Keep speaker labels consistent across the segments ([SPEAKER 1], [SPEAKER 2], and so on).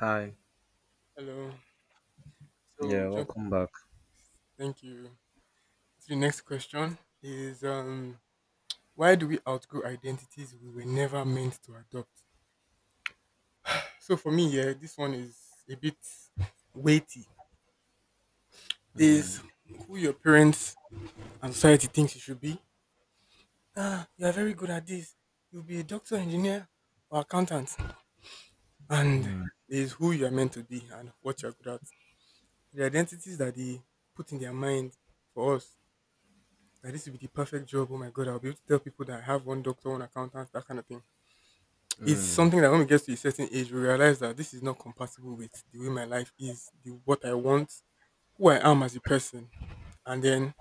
[SPEAKER 1] Hi.
[SPEAKER 2] Hello.
[SPEAKER 1] Yeah,
[SPEAKER 2] So, jump.
[SPEAKER 1] welcome back.
[SPEAKER 2] Thank you. So the next question is why do we outgrow identities we were never meant to adopt? So for me, yeah, this one is a bit weighty. Is
[SPEAKER 1] Mm.
[SPEAKER 2] who your parents and society thinks you should be. Ah, you are very good at this. You'll be a doctor, engineer, or accountant. And
[SPEAKER 1] Mm.
[SPEAKER 2] there's who you are meant to be and what you are good at. The identities that they put in their mind for us, like this would be the perfect job. Oh my god, I'll be able to tell people that I have one doctor, one accountant, that kind of thing. It's
[SPEAKER 1] Mm.
[SPEAKER 2] something that when we get to a certain age, we realize that this is not compatible with the way my life is, the what I want, who I am as a person, and then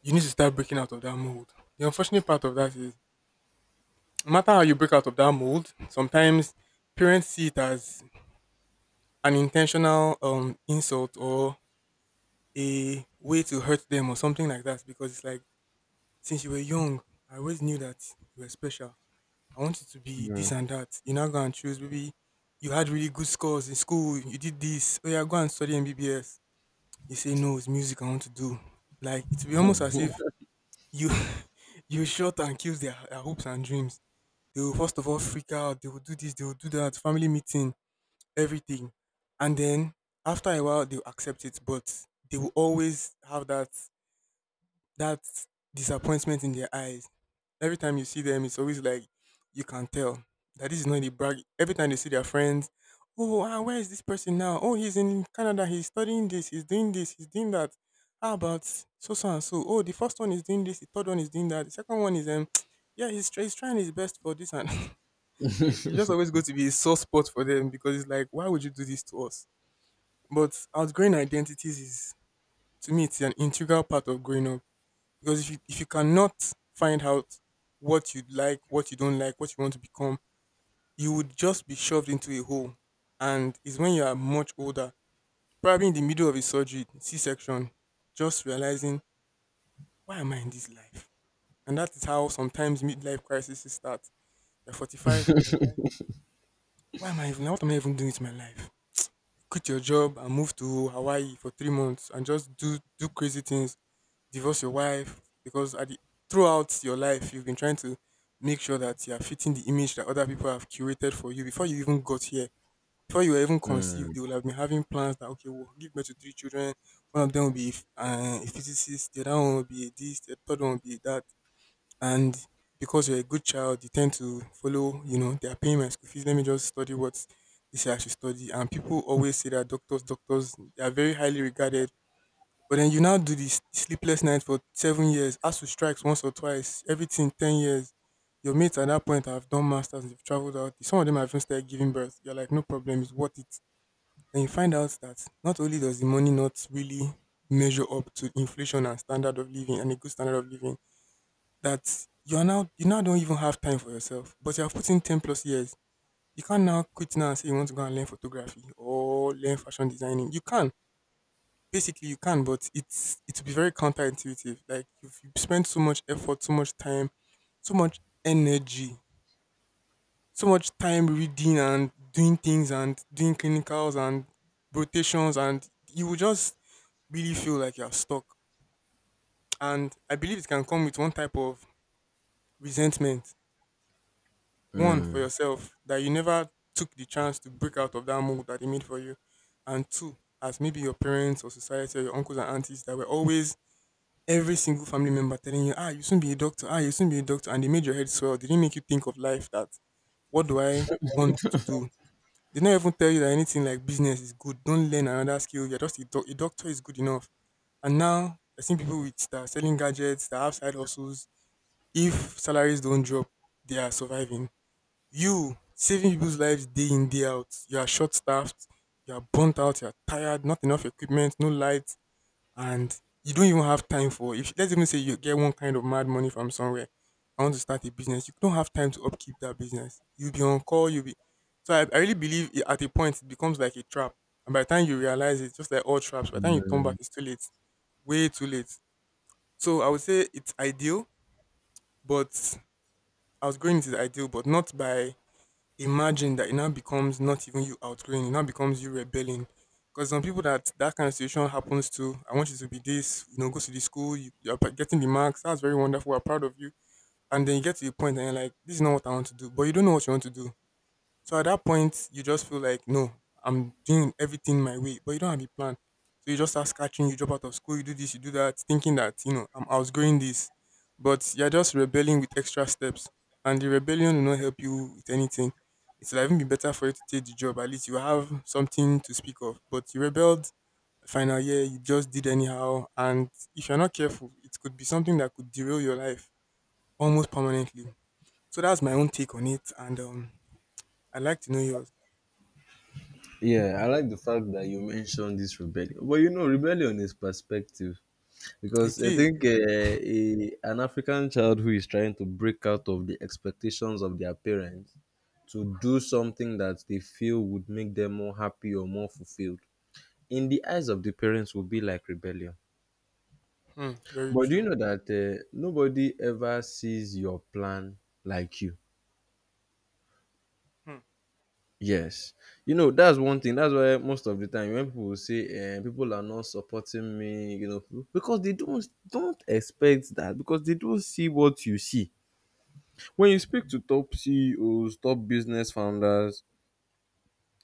[SPEAKER 2] you need to start breaking out of that mold. The unfortunate part of that is, no matter how you break out of that mold, sometimes parents see it as an intentional insult or a way to hurt them or something like that, because it's like since you were young, I always knew that you were special. I want you to be this
[SPEAKER 1] Mm.
[SPEAKER 2] and that. You now go and choose. Maybe you had really good scores in school. You did this. Oh yeah, go and study MBBS. You say no, it's music I want to do. Like it will be almost as if you you shot and kills their hopes and dreams. They will first of all freak out. They will do this. They will do that. Family meeting, everything, and then after a while they will accept it. But they will always have that that disappointment in their eyes. Every time you see them, it's always like you can tell that this is not the brag. Every time they see their friends, oh, ah, where is this person now? Oh, he's in Canada. He's studying this. He's doing this. He's doing that. How about so so and so? Oh, the first one is doing this. The third one is doing that. The second one is yeah, he's, he's trying his best for this, and it's just always going to be a sore spot for them because it's like, why would you do this to us? But outgrowing identities is, to me, it's an integral part of growing up, because if you cannot find out what you like, what you don't like, what you want to become, you would just be shoved into a hole. And it's when you are much older, probably in the middle of a surgery, C section, just realizing why am I in this life? And that is how sometimes midlife crises start. You're 45 and you realize why am I even what am I even doing with my life? Quit your job and move to Hawaii for 3 months and just do crazy things, divorce your wife, because at the, throughout your life you've been trying to make sure that you are fitting the image that other people have curated for you before you even got here. Before you were even
[SPEAKER 1] Mm.
[SPEAKER 2] conceived, they will have been having plans that okay, we'll give birth to three children. One of them will be a physicist, the other one will be a this, the third one will be a that. And because you're a good child, you tend to follow. You know, they are paying my school fees. Let me just study what they say I should study. And people always say that doctors, doctors, they are very highly regarded, but then you now do the sleepless night for 7 years, ASU strikes once or twice, everything 10 years. Your mates at that point have done masters, they've traveled out. Some of them have even started giving birth. You're like, no problem, it's worth it. And you find out that not only does the money not really measure up to inflation and standard of living and a good standard of living, that you now don't even have time for yourself. But you have put in 10 plus years. You can't now quit now and say you want to go and learn photography or learn fashion designing. You can. Basically, you can, but it will be very counterintuitive. Like if you spend so much effort, so much time, so much energy, so much time reading and doing things and doing clinicals and rotations, and you will just really feel like you're stuck. And I believe it can come with one type of resentment, one for
[SPEAKER 1] Mm.
[SPEAKER 2] yourself that you never took the chance to break out of that mold that they made for you, and two, as maybe your parents or society or your uncles and aunties that were always every single family member telling you, ah, you soon be a doctor, ah, you soon be a doctor, and they made your head swell. They didn't make you think of life that what do I want to do? They didn't even tell you that anything like business is good. Don't learn another skill. You're just a, a doctor is good enough. And now I see people with that are selling gadgets, that have side hustles. If salaries don't drop, they are surviving. You saving people's lives day in day out. You are short staffed. You are burnt out. You are tired. Not enough equipment. No light, and you don't even have time for if let's even say you get one kind of mad money from somewhere. I want to start a business, you don't have time to upkeep that business, you'll be on call, you'll be. I really believe it, at a point it becomes like a trap, and by the time you realize, it just like all traps, by the time you turn back
[SPEAKER 1] Mm.
[SPEAKER 2] it's too late. Way too late. So I would say it's ideal, but I was going into the ideal but not by. Imagine that it now becomes not even you outgrowing, it now becomes you rebelling. Because some people that kind of situation happens to, I want you to be this, you know, go to the school, you're getting the marks, that's very wonderful, we're proud of you. And then you get to a point and you're like, this is not what I want to do, but you don't know what you want to do. So at that point, you just feel like, no, I'm doing everything my way, but you don't have a plan. So you just start scratching, you drop out of school, you do this, you do that, thinking that, you know, I'm outgrowing this. But you're just rebelling with extra steps. And the rebellion will not help you with anything. It's will even be better for you to take the job. At least you have something to speak of. But you rebelled final year, you just did anyhow. And if you're not careful, it could be something that could derail your life almost permanently. So that's my own take on it. And I'd like to know yours.
[SPEAKER 1] Yeah, I like the fact that you mentioned this rebellion. But you know, rebellion is perspective because
[SPEAKER 2] It
[SPEAKER 1] I
[SPEAKER 2] is.
[SPEAKER 1] think an African child who is trying to break out of the expectations of their parents to do something that they feel would make them more happy or more fulfilled, in the eyes of the parents, would be like rebellion.
[SPEAKER 2] Hmm. Very
[SPEAKER 1] But do you
[SPEAKER 2] true.
[SPEAKER 1] know that nobody ever sees your plan like you?
[SPEAKER 2] Hmm.
[SPEAKER 1] Yes. You know, that's one thing. That's why most of the time when people will say people are not supporting me, you know, because they don't expect that because they don't see what you see. When you speak to top CEOs, top business founders,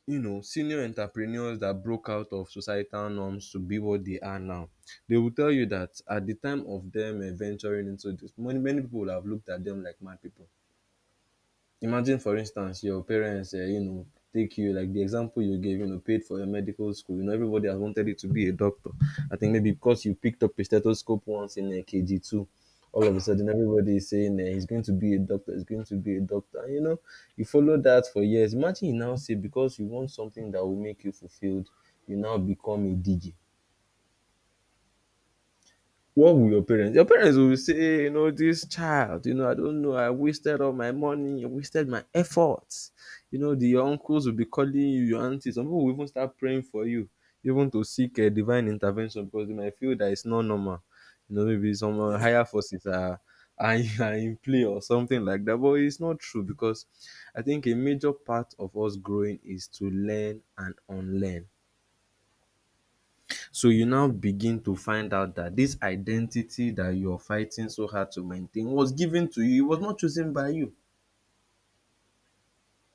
[SPEAKER 1] you know, senior entrepreneurs that broke out of societal norms to be what they are now, they will tell you that at the time of them venturing into this, many, many people would have looked at them like mad people. Imagine, for instance, your parents, you know, take you like the example you gave, you know, paid for your medical school. You know, everybody has wanted you to be a doctor. I think maybe because you picked up a stethoscope once in a KG2, all of a sudden everybody is saying he's going to be a doctor, he's going to be a doctor. And, you know, you follow that for years. Imagine you now say because you want something that will make you fulfilled, you now become a DJ. What will your parents will say, you know, this child, you know, I don't know, I wasted all my money, I wasted my efforts. You know, the your uncles will be calling you, your aunties, some people will even start praying for you, even to seek a divine intervention because they might feel that it's not normal. You know, maybe some
[SPEAKER 2] Yeah.
[SPEAKER 1] higher forces are in play or something like that, but it's not true because I think a major part of us growing is to learn and unlearn. So you now begin to find out that this identity that you're fighting so hard to maintain was given to you. It was not chosen by you.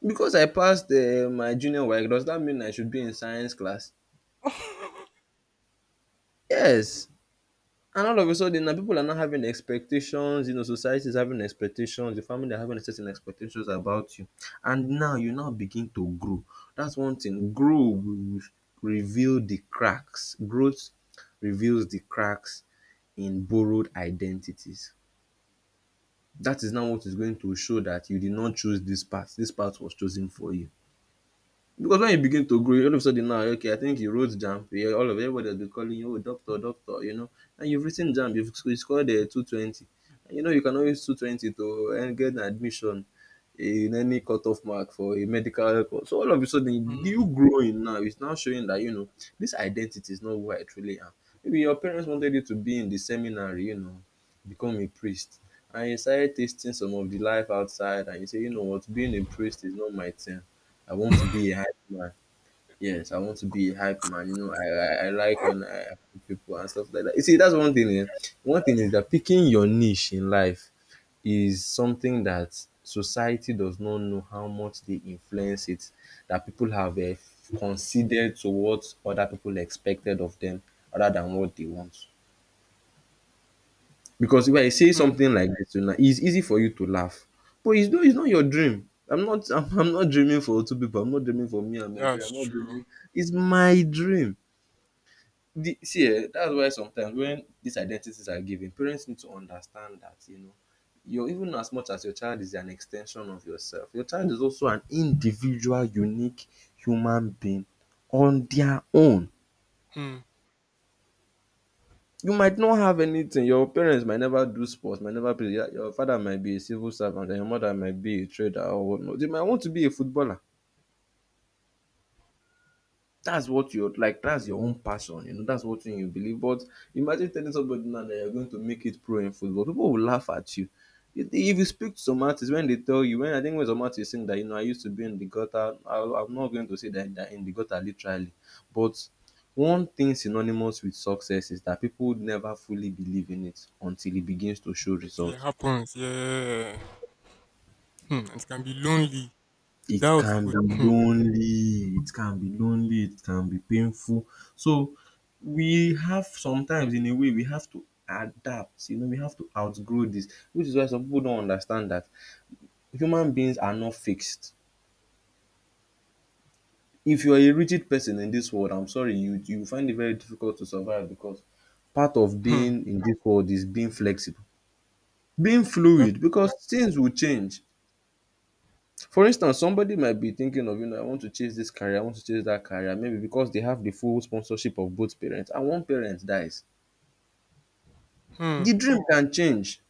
[SPEAKER 1] Because I passed my junior work, does that mean I should be in science class? Yes. And all of a sudden, now people are not having expectations. You know, society is having expectations. The family are having certain expectations about you. And now you now begin to grow. That's one thing. Grow will reveal the cracks. Growth reveals the cracks in borrowed identities. That is now what is going to show that you did not choose this path. This path was chosen for you. Because when you begin to grow, all of a sudden now, okay, I think you wrote JAMB. Yeah, all of everybody will be calling you, oh, doctor, doctor, you know. And you've written JAMB, you've you scored 220. And you know, you can always 220 to and get an admission in any cutoff mark for a medical course. So all of a sudden, you
[SPEAKER 2] Hmm.
[SPEAKER 1] growing now is now showing that, you know, this identity is not who I truly am. Maybe your parents wanted you to be in the seminary, you know, become a priest. And you started tasting some of the life outside, and you say, you know what, being a priest is not my thing. I want to be a hype man. Yes, I want to be a hype man. You know, I like when I hype people and stuff like that. You see, that's one thing. Eh. One thing is that picking your niche in life is something that society does not know how much they influence it. That people have considered to what other people expected of them, other than what they want. Because when I say
[SPEAKER 2] Hmm.
[SPEAKER 1] something like this to you now, it's easy for you to laugh, but it's not your dream. I'm not I'm not dreaming for two people. I'm not dreaming for me and my parents.
[SPEAKER 2] That's
[SPEAKER 1] I'm not
[SPEAKER 2] true.
[SPEAKER 1] dreaming. It's my dream. The see that's why sometimes when these identities are given, parents need to understand that, you know, your even as much as your child is an ex ten sion of yourself, your child is also an individual unique human being on their own.
[SPEAKER 2] Hmm.
[SPEAKER 1] You might not have anything, your parents might never do sports, might never play, your father might be a civil servant and your mother might be a trader or whatnot. They might want to be a footballer, that's what you're like, that's your own passion, you know, that's what thing you believe. But imagine telling somebody now that you're going to make it pro in football, people will laugh at you. If you speak to some artists, when they tell you, when I think when some artists saying that, you know, I used to be in the gutter, I'm not going to say that they're in the gutter literally, but one thing synonymous with success is that people never fully believe in it until it begins to show
[SPEAKER 2] Until it
[SPEAKER 1] results.
[SPEAKER 2] happens. Yeah. Hmm. And it can be lonely.
[SPEAKER 1] It
[SPEAKER 2] Doubt
[SPEAKER 1] can be
[SPEAKER 2] could. Hmm.
[SPEAKER 1] lonely, it can be lonely, it can be painful. So we have sometimes in a way we have to adapt, you know, we have to outgrow this, which is why some people don't understand that human beings are not fixed. If you are a rigid person in this world, I'm sorry, you find it very difficult to survive because part of
[SPEAKER 2] Hmm.
[SPEAKER 1] being in this world is being flexible, being fluid because
[SPEAKER 2] Adaptable.
[SPEAKER 1] things will change. For instance, somebody might be thinking of, you know, I want to chase this career, I want to chase that career, maybe because they have the full sponsorship of both parents and one parent dies.
[SPEAKER 2] Hmm.
[SPEAKER 1] The dream can change.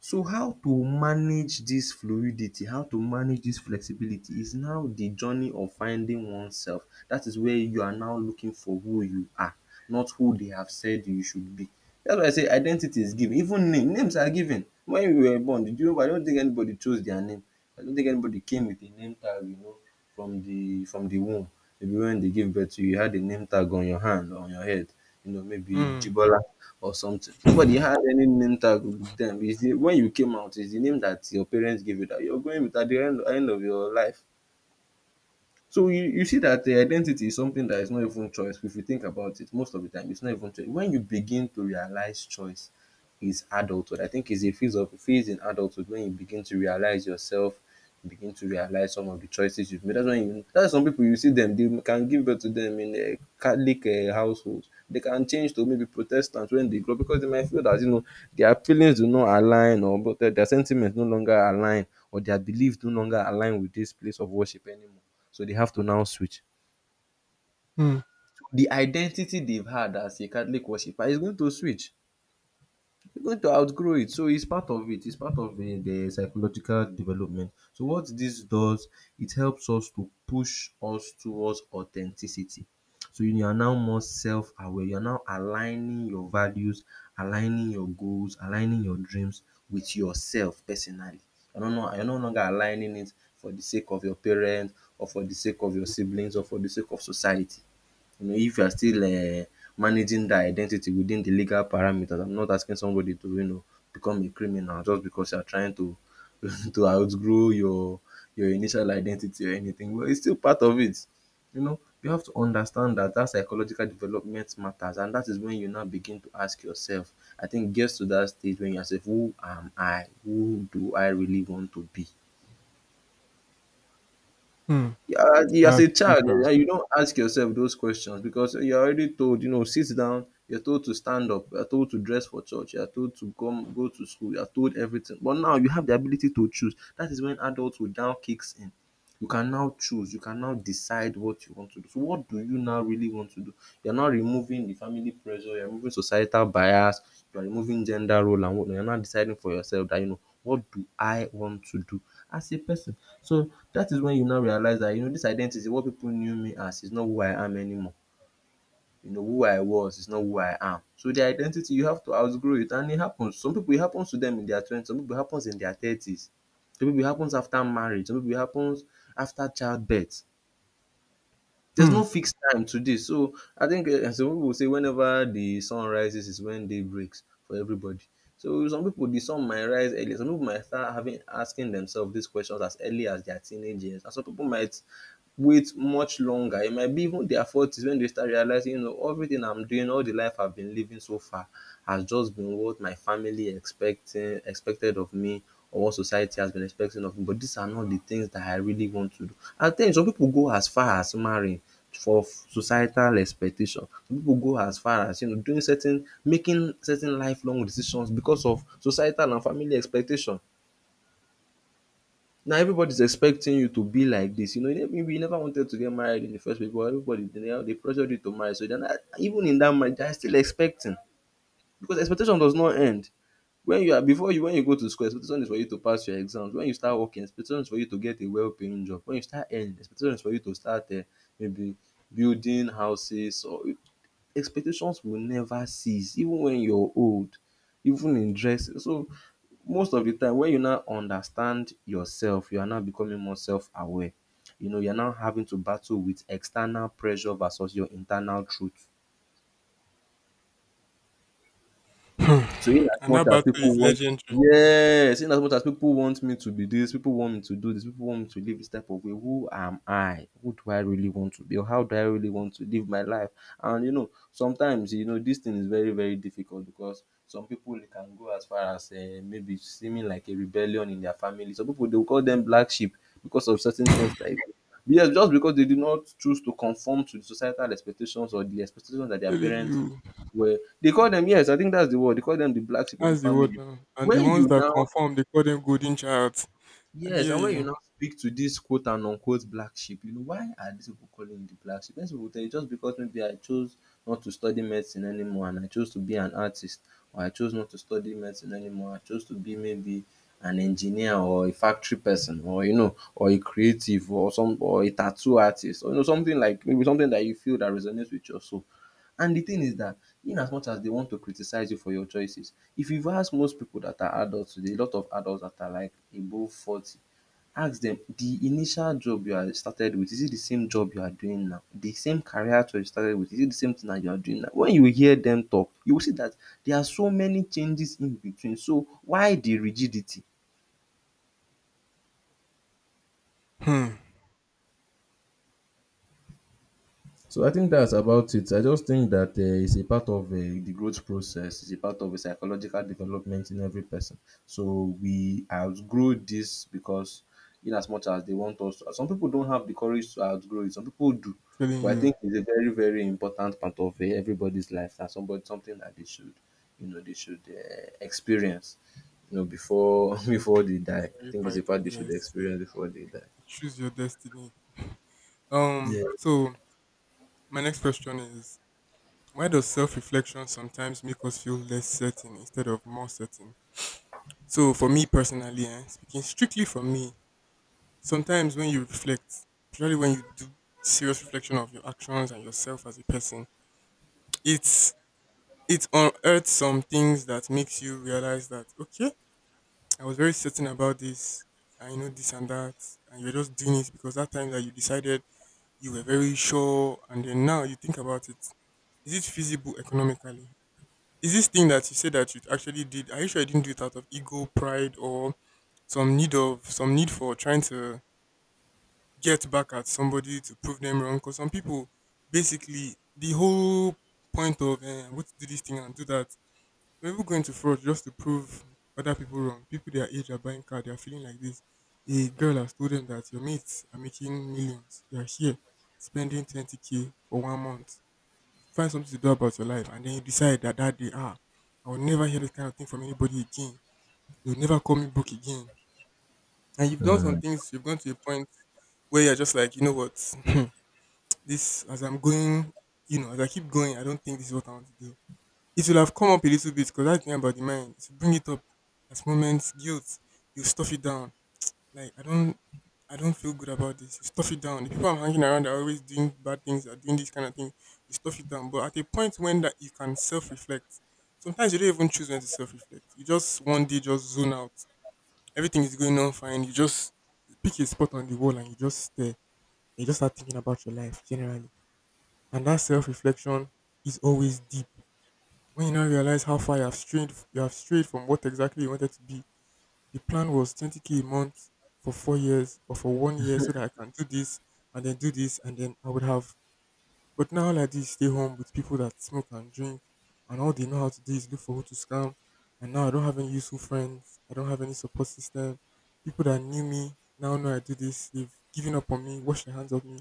[SPEAKER 1] So how to manage dis fluidity, how to manage dis flexibility is now the journey of finding oneself. Dat is where you are now looking for who you are, not who they have said you should be. That's why I say identity is given. Even name, names are given. When we were born, did you know, I don't think anybody chose their name. I don't think anybody came with a name tag, you know, from the womb. Maybe when they gave birth to you, you had a name tag on your hand or on your head. You know, maybe
[SPEAKER 2] Hmm.
[SPEAKER 1] Jibola. Or something. Nobody had any name tag with them. It's the, when you came out, it's the name that your parents gave you that you're going with at the end, end of your life. So you see that identity is something that is not even choice, if you think about it most of the time it's not even choice. When you begin to realize choice is adulthood. I think it's a phase of phase in adulthood when you begin to realize yourself, you begin to realize some of the choices you've made. That's when you that's, some people, you see them, they can give birth to them in Catholic household. They can change to maybe Protestant when they grow because they might feel that, you know, their feelings do not align, or but their sentiments no longer align or their belief no longer align with this place of worship anymore. So they have to now switch.
[SPEAKER 2] Hmm.
[SPEAKER 1] The identity they've had as a Catholic worshiper is going to switch. You are going to outgrow it. So it's part of it. It's part of the psychological development. So what this does, it helps us to push us towards authenticity. So you are now more self-aware. You're now aligning your values, aligning your goals, aligning your dreams with yourself personally. You're no longer aligning it for the sake of your parents or for the sake of your siblings or for the sake of society. You know, if you are still managing that identity within the legal parameters, I'm not asking somebody to, you know, become a criminal just because you are trying to to outgrow your initial identity or anything, but it's still part of it. You know, you have to understand that that psychological development matters, and that is when you now begin to ask yourself, I think it gets to that stage when you ask yourself, who am I, who do I really want to be?
[SPEAKER 2] Hmm.
[SPEAKER 1] Yeah, as
[SPEAKER 2] That's
[SPEAKER 1] a
[SPEAKER 2] true,
[SPEAKER 1] child,
[SPEAKER 2] sir.
[SPEAKER 1] you don't ask yourself those questions because you're already told, you know, sit down, you're told to stand up, you're told to dress for church, you're told to come go to school, you're told everything. But now you have the ability to choose. That is when adulthood now kicks in. You can now choose, you can now decide what you want to do. So what do you now really want to do? You're now removing the family pressure, you're removing societal bias, you're removing gender role and whatnot. You're now deciding for yourself that, you know, what do I want to do as a person? So that is when you now realize that, you know, this identity, what people knew me as, is not who I am anymore. You know, who I was is not who I am. So the identity, you have to outgrow it and it happens. Some people, it happens to them in their 20s. Some people, it happens in their 30s. Some people, it happens after marriage. Some people, it happens after childbirth. There's no
[SPEAKER 2] Hmm.
[SPEAKER 1] fixed time to this. So I think some people will say whenever the sun rises is when day breaks for everybody. So some people, the sun might rise early. Some people might start having asking themselves these questions as early as their teenage years. And some people might wait much longer. It might be even their forties when they start realizing, you know, everything I'm doing, all the life I've been living so far has just been what my family expecting expected of me or what society has been expecting of me. But these are not the things that I really want to do. At times some pipu go as far as marrying for societal expectation. Some pipu go as far as, you know, doing certain making certain lifelong decisions because of societal and family expectation. Now everybody's expecting you to be like this. You know, maybe you never wanted to get married in the first place, but everybody they pressured you to marry. So then, even in that marriage, they're still expecting because expectation does not end. When you are before you when you go to school, expectation is for you to pass your exams. When you start working, expectation is for you to get a well paying job. When you start earning, expectation is for you to start maybe building houses or expectations will never cease even when you're old, even in dressing. So most of the time when you now understand yourself, you are now becoming more self aware. You know, you are now having to battle with external pressure versus your internal truth.
[SPEAKER 2] Hmm.
[SPEAKER 1] So in as
[SPEAKER 2] And
[SPEAKER 1] much
[SPEAKER 2] that
[SPEAKER 1] as
[SPEAKER 2] battle
[SPEAKER 1] people
[SPEAKER 2] is
[SPEAKER 1] want
[SPEAKER 2] legendary.
[SPEAKER 1] yes, in as much as people want me to be this, people want me to do this, people want me to live this type of way, who am I? Who do I really want to be? Or how do I really want to live my life? And you know, sometimes you know this thing is very very difficult because some people they can go as far as maybe seeming like a rebellion in their family. Some people they will call them black sheep because of certain things like. Yes, just because they did not choose to conform to the societal expectations or the expectations that their
[SPEAKER 2] Tell
[SPEAKER 1] parents
[SPEAKER 2] you.
[SPEAKER 1] were they call them, yes, I think that's the word. They call them the black sheep of the
[SPEAKER 2] That's the word
[SPEAKER 1] family.
[SPEAKER 2] now. And the
[SPEAKER 1] When
[SPEAKER 2] ones
[SPEAKER 1] you
[SPEAKER 2] that
[SPEAKER 1] now
[SPEAKER 2] conform, they call them golden child. I
[SPEAKER 1] yes,
[SPEAKER 2] hear
[SPEAKER 1] and when you
[SPEAKER 2] you.
[SPEAKER 1] now speak to this quote and unquote black sheep, you know why are these people calling the black sheep? These people tell you just because maybe I chose not to study medicine anymore and I chose to be an artist, or I chose not to study medicine anymore. I chose to be maybe an engineer or a factory person or you know or a creative or some or a tattoo artist or you know something like maybe something that you feel that resonates with your soul. And the thing is that in as much as they want to criticize you for your choices, if you've asked most people that are adults today, a lot of adults that are like above 40, ask them the initial job you are started with, is it the same job you are doing now? The same career choice you started with, is it the same thing that you are doing now? When you hear them talk, you will see that there are so many changes in between. So why the rigidity?
[SPEAKER 2] Hmm.
[SPEAKER 1] So I think that's about it. I just think that it's a part of the growth process. It's a part of a psychological development in every person. So we outgrow this because, in as much as they want us to, some people don't have the courage to outgrow it. Some people do,
[SPEAKER 2] Telling
[SPEAKER 1] but I
[SPEAKER 2] you.
[SPEAKER 1] think it's a very, very important part of everybody's life. That's somebody something that they should, you know, they should experience, you know, before before they die.
[SPEAKER 2] It's
[SPEAKER 1] I
[SPEAKER 2] very
[SPEAKER 1] think it's a part
[SPEAKER 2] fighter.
[SPEAKER 1] they should
[SPEAKER 2] Yes.
[SPEAKER 1] experience before they die.
[SPEAKER 2] Choose your destiny.
[SPEAKER 1] Yeah.
[SPEAKER 2] So my next question is why does self reflection sometimes make us feel less certain instead of more certain? So, for me personally, eh, speaking strictly for me, sometimes when you reflect, especially when you do serious reflection of your actions and yourself as a person, it's it unearths some things that makes you realize that okay, I was very certain about this, and you know this and that, and you're just doing it because that time that you decided you were very sure, and then now you think about it, is it feasible economically? Is this thing that you said that you actually did? Are you sure you didn't do it out of ego, pride, or some need for trying to get back at somebody to prove them wrong? Because some people, basically, the whole point of eh, I'm going to do this thing and do that. Some people going to fraud just to prove other people wrong. People their age are buying car. They are feeling like this. A girl has told them that your mates are making millions. They are here spending 20K k for 1 month. Find something to do about your life, and then you decide that that day, ah, I will never hear this kind of thing from anybody again. You'll never call me book again. And you've done some things. You've gone to a point where you're just like, you know what, this as I'm going, as I keep going, I don't think this is what I want to do. It will have come up a little bit because that thing about the mind, it will bring it up as moments, guilt, you stuff it down like I don't feel good about this. You stuff it down. The people I'm hanging around are always doing bad things, are doing this kind of thing. You stuff it down. But at a point when that you can self reflect, sometimes you don't even choose when to self reflect. You just one day just zone out. Everything is going on fine. You just pick a spot on the wall and you just stare. You just start thinking about your life generally. And that self reflection is always deep. When you now realize how far you have strayed from what exactly you wanted to be, the plan was 20K a month for 4 years or for one year so that I can do this and then do this and then I would have. But now all I do is stay home with people that smoke and drink, and all they know how to do is look for who to scam. And now I don't have any useful friends. I don't have any support system. People that knew me now know I do this. They've given up on me, washed their hands of me.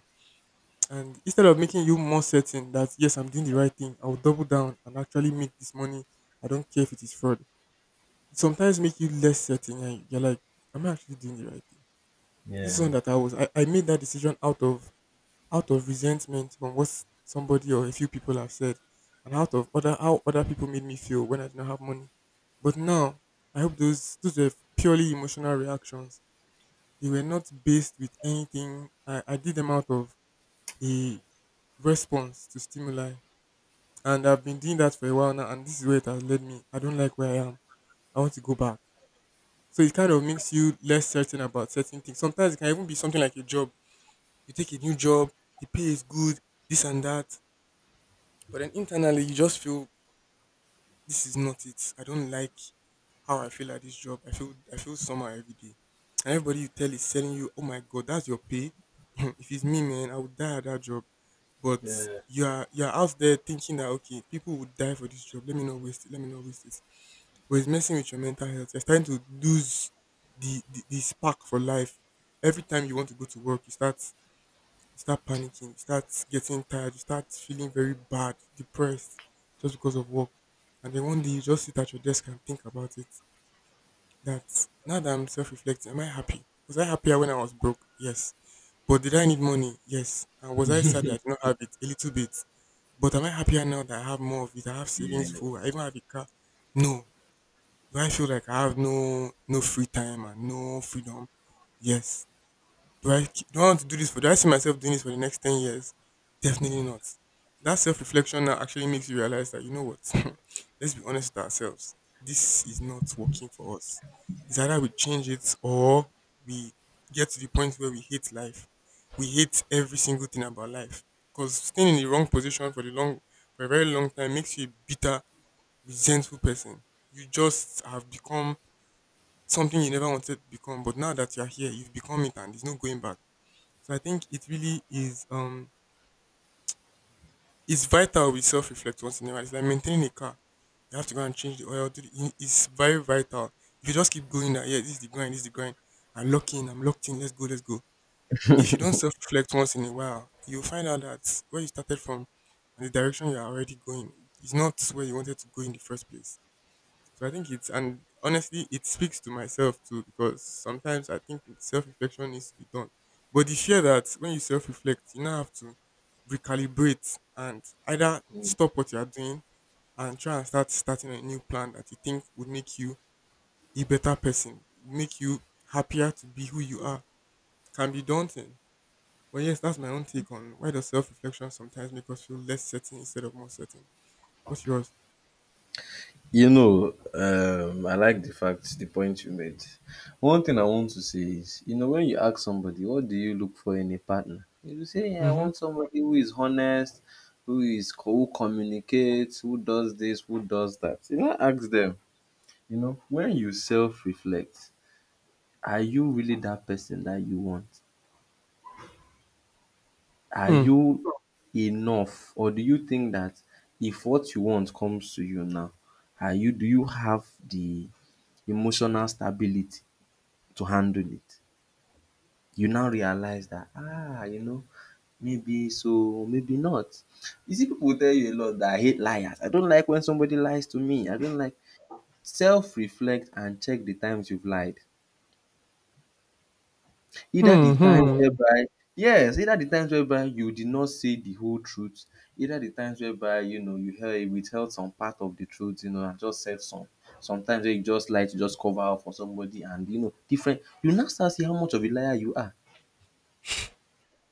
[SPEAKER 2] And instead of making you more certain that yes, I'm doing the right thing, I'll double down and actually make this money. I don't care if it is fraud. It sometimes make you less certain and you're like, am I actually doing the right thing? This one
[SPEAKER 1] Yeah.
[SPEAKER 2] that I made that decision out of resentment from what somebody or a few people have said, and out of other how other people made me feel when I did not have money. But now I hope those were purely emotional reactions. They were not based with anything. I did them out of a response to stimuli. And I've been doing that for a while now and this is where it has led me. I don't like where I am. I want to go back. So it kind of makes you less certain about certain things. Sometimes it can even be something like a job. You take a new job, the pay is good, this and that. But then internally you just feel this is not it. I don't like how I feel at this job. I feel somehow every day. And everybody you tell is telling you, "Oh my god, that's your pay. If it's me, man, I would die at that job." But
[SPEAKER 1] Yeah.
[SPEAKER 2] you're out there thinking that okay, people would die for this job. Let me not waste it. Let me not waste it, but it's messing with your mental health. You're starting to lose the spark for life. Every time you want to go to work, you start panicking, you start getting tired, you start feeling very bad, depressed, just because of work. And then one day you just sit at your desk and think about it. That now that I'm self reflecting, am I happy? Was I happier when I was broke? Yes. But did I need money? Yes. And was I sad that I did not have it? A little bit. But am I happier now that I have more of it? I have
[SPEAKER 1] Yeah.
[SPEAKER 2] savings full. I even have a car. No. Do I feel like I have no free time and no freedom? Yes. Do I want to do this for? Do I see myself doing this for the next 10 years? Definitely not. That self reflection now actually makes you realize that, you know what. Let's be honest with ourselves. This is not working for us. It's either we change it or we get to the point where we hate life. We hate every single thing about life, because staying in the wrong position for the long for a very long time makes you a bitter, resentful person. You just have become something you never wanted to become, but now that you're here, you've become it and there's no going back. So I think it really is it's vital we self reflect once in a while. It's like maintaining a car. You have to go and change the oil. It's very vital. If you just keep going that yeah, this is the grind, this is the grind. I'm locked in, let's go, let's go. If you don't self reflect once in a while, you'll find out that where you started from and the direction you're already going is not where you wanted to go in the first place. So I think it's, and honestly, it speaks to myself too because sometimes I think self reflection needs to be done. But the fear that when you self reflect, you now have to recalibrate and either stop what you are doing and try and starting a new plan that you think would make you a better person, make you happier to be who you are, can be daunting. But yes, that's my own take on why does self reflection sometimes make us feel less certain instead of more certain. What's yours?
[SPEAKER 1] You know, I like the fact, the point you made. One thing I want to say is, you know, when you ask somebody, what do you look for in a partner? You say, yeah, I
[SPEAKER 2] Mm-hmm.
[SPEAKER 1] want somebody who is honest, who communicates, who does this, who does that. You know, ask them. You know, when you self-reflect, are you really that person that you want? Are
[SPEAKER 2] Hmm.
[SPEAKER 1] you enough or do you think that if what you want comes to you now, are you do you have the emotional stability to handle it? You now realize that, ah, you know maybe so maybe not. You see people will tell you a lot that I hate liars. I don't like when somebody lies to me. I don't like self reflect and check the times you've lied. Either
[SPEAKER 2] Hmm.
[SPEAKER 1] the times
[SPEAKER 2] Hmm.
[SPEAKER 1] whereby yes, either the times whereby you did not say the whole truth, either the times whereby you know you held withheld some part of the truth, you know, and just said some. Sometimes when you just lie to just cover up for somebody and you know different you now start see how much of a liar you are.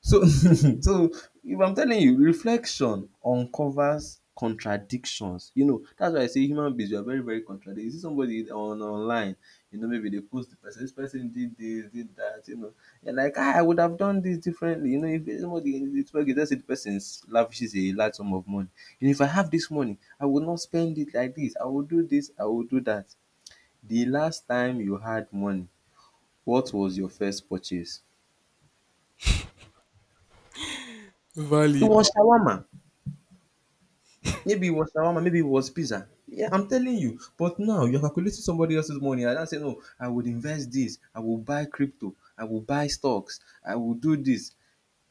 [SPEAKER 1] So, so if I'm telling you, reflection uncovers contradictions. You know, that's why I say human beings, we are very, very contradictory. You see somebody on online, you know, maybe they post the person, this person did this, did that, you know. You're like, ah, I would have done this differently. You know, if somebody, it's okay, let's say the person lavishes a large sum of money. And if I have this money, I would not spend it like this. I will do this, I will do that. The last time you had money, what was your first purchase? It
[SPEAKER 2] Valid.
[SPEAKER 1] was shawarma. Maybe it was shawarma, maybe it was pizza. Yeah, I'm telling you. But now you're calculating somebody else's money and now say no, I would invest this, I will buy crypto, I will buy stocks, I will do this.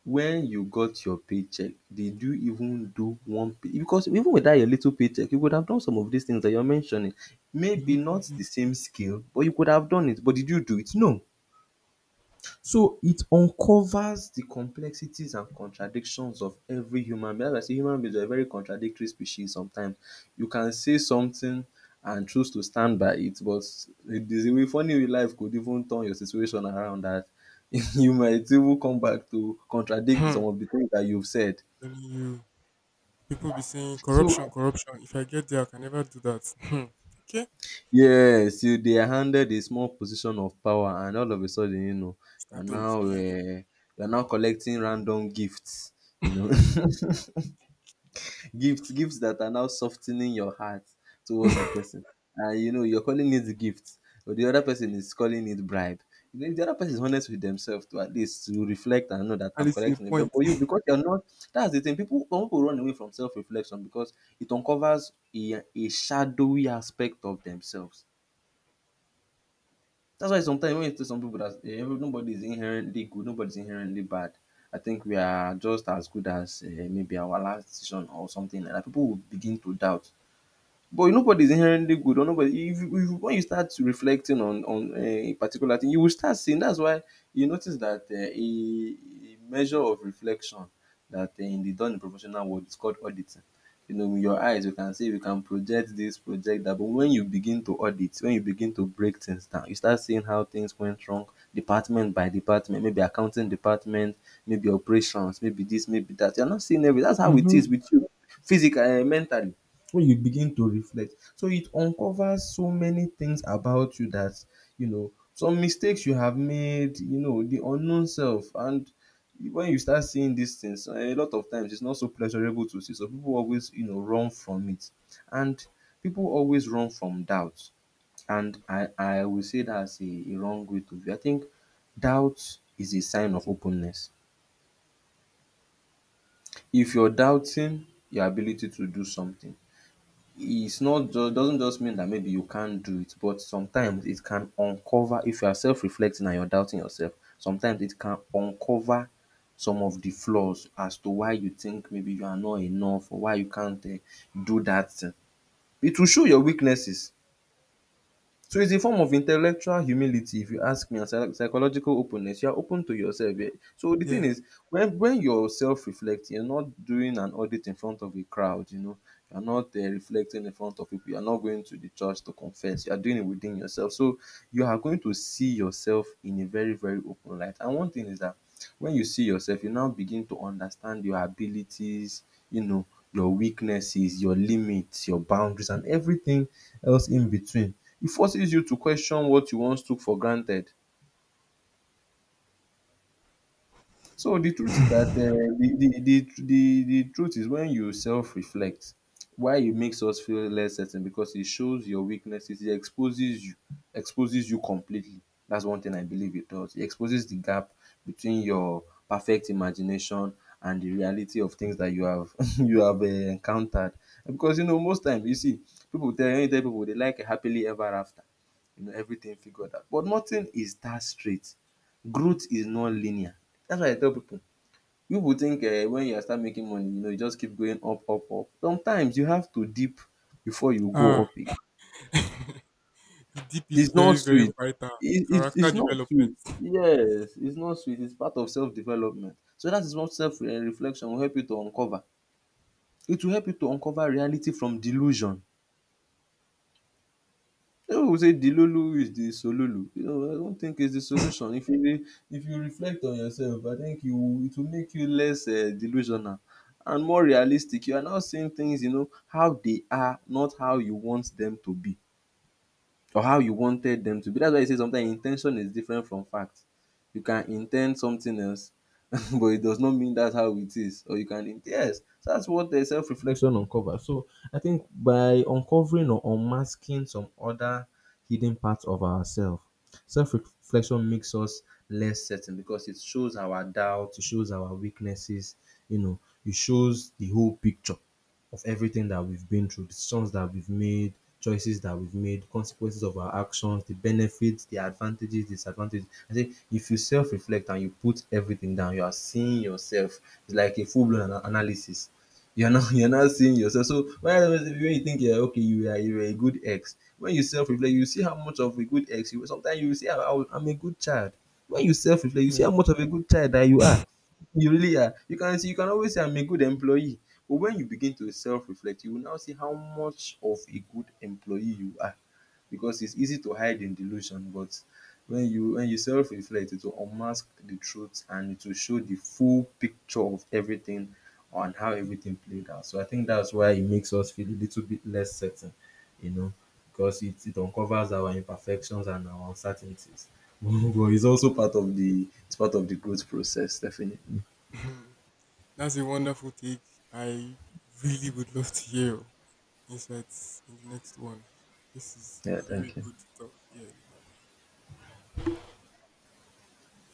[SPEAKER 1] When you got your paycheck, did you even do one pay? Because even with that your little paycheck, you would have done some of these things that you're mentioning. Maybe not the same scale, but you could have done it. But did you do it? No. So it uncovers the complexities and contradictions of every human being. That's why I say human beings we are a very contradictory species sometimes. You can say something and choose to stand by it, but there's a way funny way life could even turn your situation around that you might even come back to contradict
[SPEAKER 2] Hmm.
[SPEAKER 1] some of the things that you've said.
[SPEAKER 2] Telling you, people be saying
[SPEAKER 1] So
[SPEAKER 2] corruption, corruption. If I get there, I can never do that. Hmm. Okay,
[SPEAKER 1] yes, you they are handed a small position of power and all of a sudden, you know, you're
[SPEAKER 2] start to
[SPEAKER 1] now
[SPEAKER 2] misbehave.
[SPEAKER 1] um you're now collecting random gifts, you know. Gifts that are now softening your heart towards the person. And you know you're calling it gift, but the other person is calling it bribe. You know, if the other person is honest with themselves to at least to reflect and know that
[SPEAKER 2] At
[SPEAKER 1] I'm
[SPEAKER 2] least a
[SPEAKER 1] collecting a bribe.
[SPEAKER 2] point.
[SPEAKER 1] But you because you're not that's the thing. People Some people run away from self-reflection because it uncovers a shadowy aspect of themselves. That's why sometimes when you tell some people that every- nobody is inherently good, nobody's inherently bad. I think we are just as good as maybe our last decision or something like that. People will begin to doubt but nobody is inherently good or nobody if you when you start reflecting on a particular thing, you will start seeing that's why you notice that a measure of reflection that in the done in professional world is called auditing. You know, with your eyes you can say you can project this, project that, but when you begin to audit, when you begin to break things down, you start seeing how things went wrong department by department, maybe accounting department, maybe operations, maybe this, maybe that. You are not seeing every that's how it
[SPEAKER 2] Mm-hmm.
[SPEAKER 1] is with you physically, mentally when you begin to reflect. So it uncovers so many things about you that, some mistakes you have made, the unknown self. And when you start seeing these things, a lot of times it's not so pleasurable to see. So people always, run from it. And people always run from doubt. And I will say that's a wrong way to view. I think doubt is a sign of openness. If you're doubting your ability to do something, it's not just doesn't just mean that maybe you can't do it, but sometimes it can uncover, if you are self reflecting and you're doubting yourself, sometimes it can uncover some of the flaws as to why you think maybe you are not enough or why you can't do that thing. It will show your weaknesses. So it's a form of intellectual humility, if you ask me, and psychological openness. You are open to yourself. Yeah. So the thing
[SPEAKER 2] Yeah.
[SPEAKER 1] is, when you're self-reflecting, you're not doing an audit in front of a crowd. You know, you're not reflecting in front of people. You're not going to the church to confess. You are doing it within yourself. So you are going to see yourself in a very very open light. And one thing is that when you see yourself, you now begin to understand your abilities, you know, your weaknesses, your limits, your boundaries and everything else in between. It forces you to question what you once took for granted. So the truth is that the truth is when you self-reflect, why it makes us feel less certain, because it shows your weaknesses, it exposes you completely. That's one thing I believe it does. It exposes the gap between your perfect imagination and the reality of things that you have you have encountered. Because you know most times you see people tell you tell people they like a happily ever after, you know, everything figured out, but nothing is that straight. Growth is non-linear. That's why I tell pipu pipu think when you start making money, you know, you just keep going up up up. Sometimes you have to dip before you go
[SPEAKER 2] Ah,
[SPEAKER 1] up again.
[SPEAKER 2] the deep is
[SPEAKER 1] It's not
[SPEAKER 2] very, very
[SPEAKER 1] sweet.
[SPEAKER 2] vital.
[SPEAKER 1] It it's
[SPEAKER 2] Character
[SPEAKER 1] it's not
[SPEAKER 2] development.
[SPEAKER 1] sweet. Yes, it's not sweet. It's part of self development. So that is what self reflection will help you to uncover. It will help you to uncover reality from delusion. No, say Dilolo is the sololo. You know, I don't think it's the solution. If you reflect on yourself, I think you it will make you less delusional and more realistic. You are now seeing things, you know, how they are, not how you want them to be or how you wanted them to be. That's why I say sometimes intention is different from fact. You can intend something else, but it does not mean that's how it is. Or you can int- Yes, that's what the self reflection uncovers. So I think by uncovering or unmasking some other hidden parts of ourselves, self reflection makes us less certain because it shows our doubts, it shows our weaknesses. You know, it shows the whole picture of everything that we've been through, decisions that we've made, choices that we've made, consequences of our actions, the benefits, the advantages, disadvantages. I say if you self reflect and you put everything down, you are seeing yourself. It's like a full blown analysis. You're not you're not seeing yourself. So when you think you're okay, you're a good ex. When you self reflect, you see how much of a good ex you were. Sometimes you will see how I'm a good child. When you self reflect, you see
[SPEAKER 2] Yeah.
[SPEAKER 1] how much of a good child that you are. You really are. You can see, you can always say I'm a good employee. But when you begin to self-reflect, you will now see how much of a good employee you are. Because it's easy to hide in delusion, but when you self-reflect, it will unmask the truth and it will show the full picture of everything and how everything played out. So I think that's why it makes us feel a little bit less certain, you know, because it uncovers our imperfections and our uncertainties. But it's also part of the it's part of the growth process, definitely.
[SPEAKER 2] Hmm. That's a wonderful take. I really would love to hear your insights in the next one. This is
[SPEAKER 1] Yeah,
[SPEAKER 2] very
[SPEAKER 1] thank you.
[SPEAKER 2] good stuff. Yeah.